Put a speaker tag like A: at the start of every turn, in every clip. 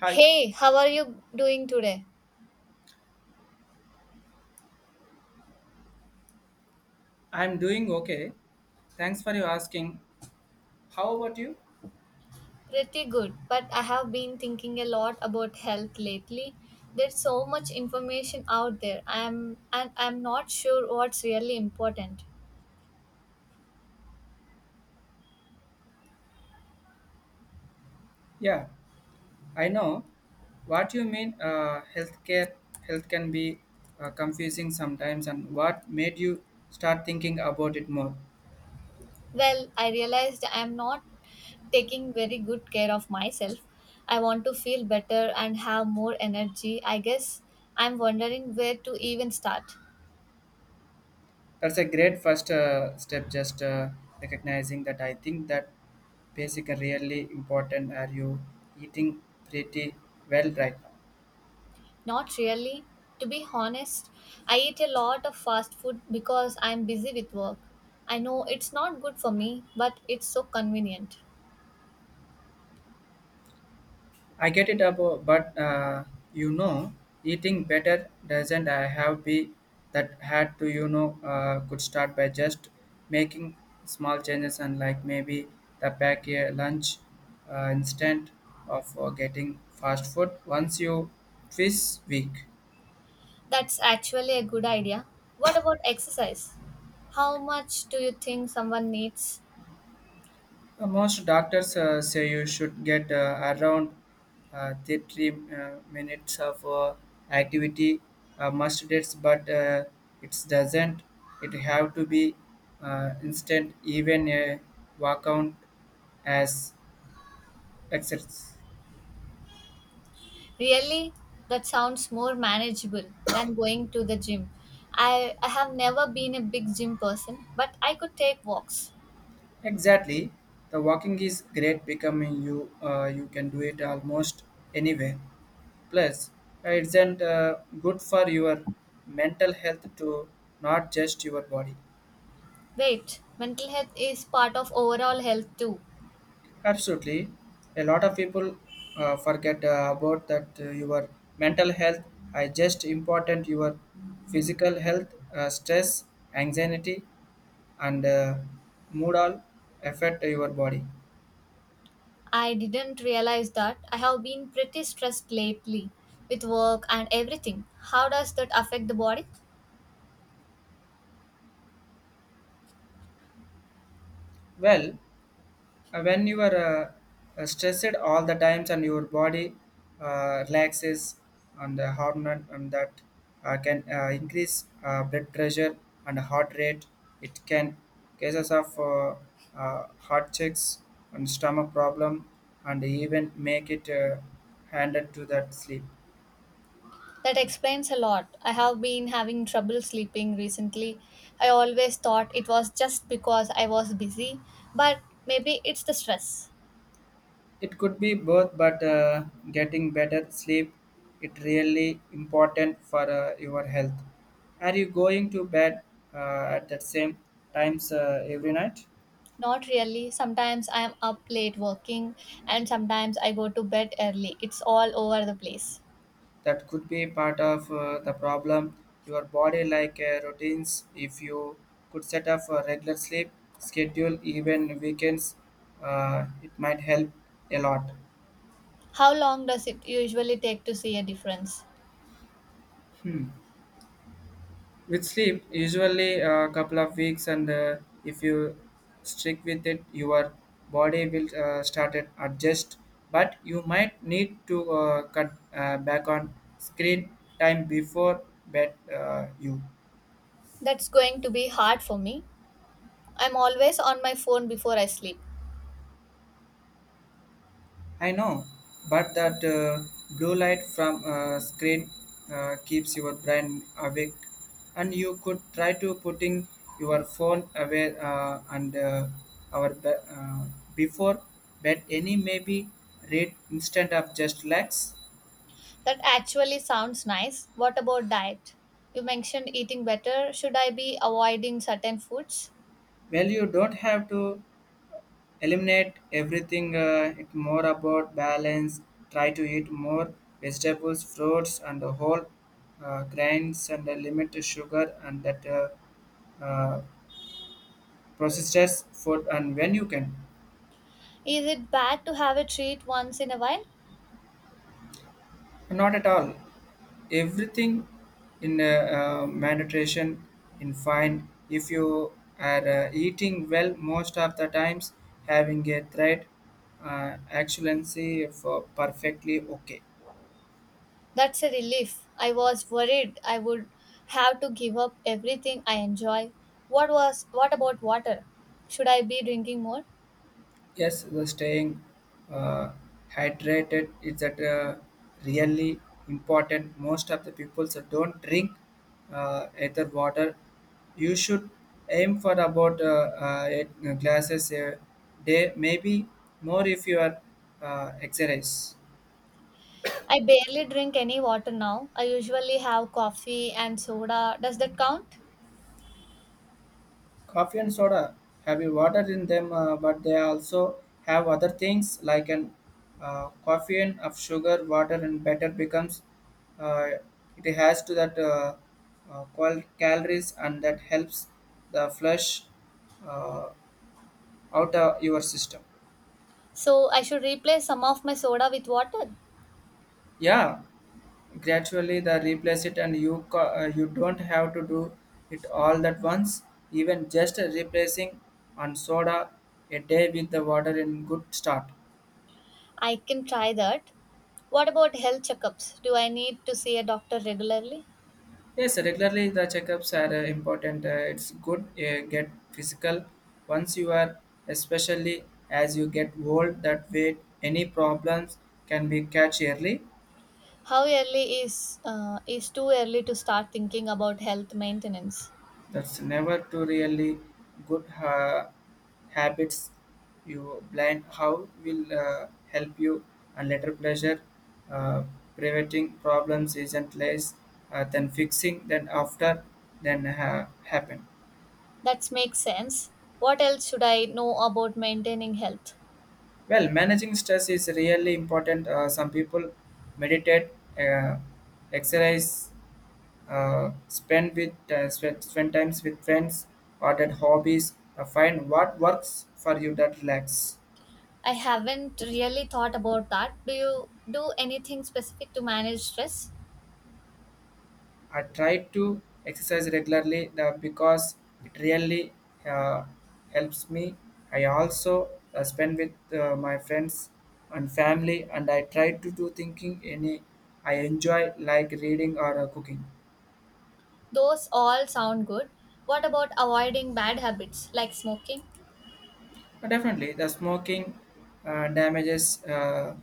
A: Hi,
B: Hey, how are you doing today?
A: I'm doing okay. Thanks for you asking. How about you?
B: Pretty good, but I have been thinking a lot about health lately. There's so much information out there. I'm not sure what's really important.
A: Yeah, I know what you mean. Healthcare, health can be confusing sometimes, and what made you start thinking about it more?
B: Well, I realized I'm not taking very good care of myself. I want to feel better and have more energy. I guess I'm wondering where to even start.
A: That's a great first step. Just recognizing that I think that basic and really important. Are you eating pretty well right now?
B: Not really. To be honest, I eat a lot of fast food because I'm busy with work. I know it's not good for me, but it's so convenient.
A: I get it about, but you know, eating better doesn't I have be that had to could start by just making small changes and like maybe the pack a lunch instead of getting fast food once you this week.
B: That's actually a good idea. What about exercise? How much do you think someone needs?
A: Most doctors say you should get around 30 minutes of activity must dates, but it doesn't. It have to be instant, even a walk out as exercise.
B: Really? That sounds more manageable than going to the gym. I have never been a big gym person, but I could take walks.
A: Exactly, the walking is great. Becoming you, you can do it almost anywhere. Plus, it's an, good for your mental health to not just your body.
B: Wait, mental health is part of overall health too.
A: Absolutely, a lot of people forget about that your mental health is just important your physical health, stress, anxiety, and mood all affect your body.
B: I didn't realize that. I have been pretty stressed lately with work and everything. How does that affect the body?
A: Well, when you are stressed all the times and your body relaxes and the hormone and that can increase blood pressure and heart rate it can cases of heart checks and stomach problem and even make it handed to that sleep.
B: That explains a lot. I have been having trouble sleeping recently. I always thought it was just because I was busy, but maybe it's the stress.
A: It could be both, but getting better sleep it really important for your health. Are you going to bed at the same times every night?
B: Not really. Sometimes I am up late working, and sometimes I go to bed early. It's all over the place.
A: That could be part of the problem. Your body like routines. If you could set up a regular sleep schedule, even weekends, it might help a lot.
B: How long does it usually take to see a difference?
A: With sleep, usually a couple of weeks, and if you stick with it, your body will start and adjust. But you might need to cut back on screen time before bed. You.
B: That's going to be hard for me. I'm always on my phone before I sleep.
A: I know, but that blue light from screen keeps your brain awake, and you could try to putting your phone away our be- uh, before bed. Any maybe read instead of just relax.
B: That actually sounds nice. What about diet? You mentioned eating better. Should I be avoiding certain foods?
A: Well, you don't have to eliminate everything. It's more about balance. Try to eat more vegetables, fruits, and the whole grains and limit the sugar and that. Uh, processed food and when you can.
B: Is it bad to have a treat once in a while?
A: Not at all, everything in meditation in fine if you are eating well most of the times having a threat excellency for perfectly okay.
B: That's a relief. I was worried I would have to give up everything I enjoy. What was what about water? Should I be drinking more?
A: Yes, the staying uh, hydrated is that really important. Most of the people so don't drink either water. You should aim for about eight glasses a day, maybe more if you are exercise.
B: I barely drink any water now. I usually have coffee and soda. Does that count?
A: Coffee and soda have a water in them but they also have other things like an caffeine of sugar water and better becomes uh, it has to that calories and that helps the flush uh, out of your system.
B: So I should replace some of my soda with water?
A: Yeah, gradually the replace it and you don't have to do it all at once, even just replacing on soda a day with the water in good start.
B: I can try that. What about health checkups? Do I need to see a doctor regularly?
A: Yes, regularly the checkups are important. It's good get physical once you are, especially as you get old. That way, any problems can be catch early.
B: How early is too early to start thinking about health maintenance?
A: That's never too really good habits. You blind how will help you and later pleasure. Uh, Preventing problems isn't less than fixing. Then after then happen.
B: That makes sense. What else should I know about maintaining health?
A: Well, managing stress is really important. Some people meditate, uh, exercise, spend with spend times with friends, or that hobbies. Find what works for you that relax.
B: I haven't really thought about that. Do you do anything specific to manage stress?
A: I try to exercise regularly because it really uh, helps me. I also spend with my friends and family, and I try to do thinking any I enjoy like reading or cooking.
B: Those all sound good. What about avoiding bad habits like smoking?
A: Definitely, the smoking damages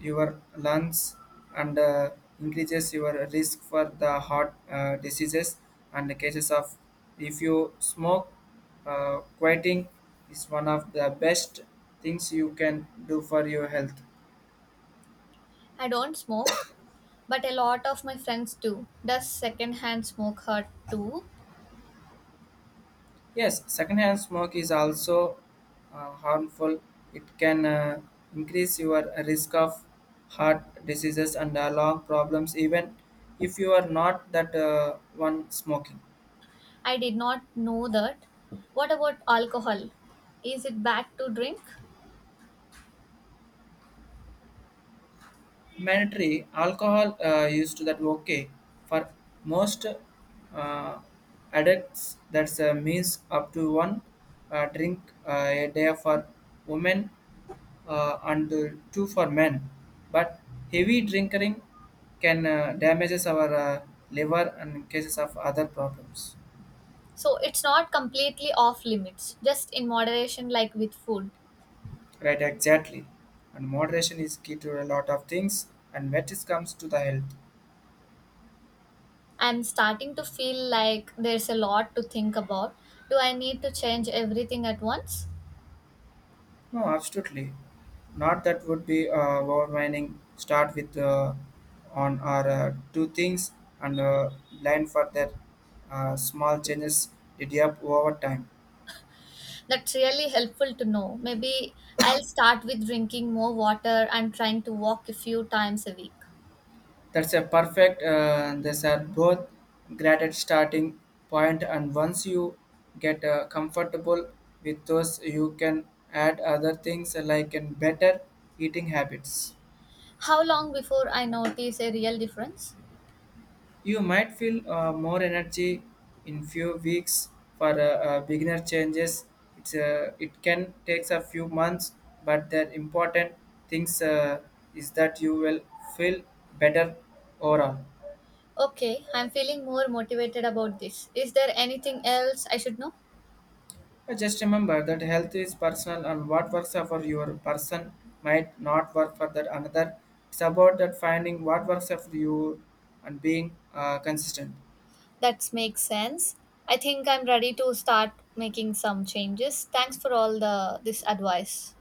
A: your lungs and increases your risk for the heart diseases and the cases of if you smoke, quitting is one of the best things you can do for your health.
B: I don't smoke, but a lot of my friends do. Does secondhand smoke hurt too?
A: Yes, secondhand smoke is also harmful. It can increase your risk of heart diseases and lung problems, even if you are not that one smoking.
B: I did not know that. What about alcohol? Is it bad to drink?
A: Mandatory alcohol used to that okay for most uh, addicts. That's means up to one drink a day for women and two for men. But heavy drinking can damages our liver and in cases of other problems.
B: So it's not completely off limits, just in moderation, like with food.
A: Right, exactly. And moderation is key to a lot of things. And when it comes to the health,
B: I'm starting to feel like there's a lot to think about. Do I need to change everything at once?
A: no, absolutely, not that would be overwhelming. Start with on our two things and plan for their small changes. Did you over time?
B: That's really helpful to know. Maybe I'll start with drinking more water and trying to walk a few times a week.
A: That's a perfect. These are both great at starting point, and once you get comfortable with those, you can add other things like in better eating habits.
B: How long before I notice a real difference?
A: You might feel more energy in few weeks for beginner changes. It's it can takes a few months, but the important things is that you will feel better overall.
B: Okay, I'm feeling more motivated about this. Is there anything else I should know?
A: Just remember that health is personal and what works for your person might not work for that another. It's about that finding what works for you and being consistent.
B: That makes sense. I think I'm ready to start making some changes. Thanks for all the this advice.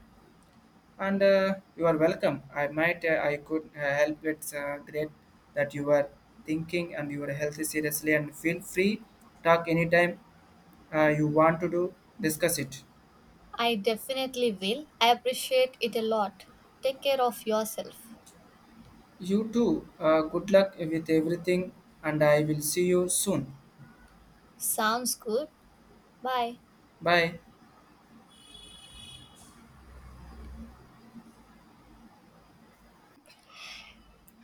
A: And you are welcome. I could help. It's great that you are thinking and your health is seriously and feel free talk anytime you want to do discuss it.
B: I definitely will. I appreciate it a lot. Take care of yourself.
A: You too. Good luck with everything and I will see you soon.
B: Sounds good. Bye.
A: Bye.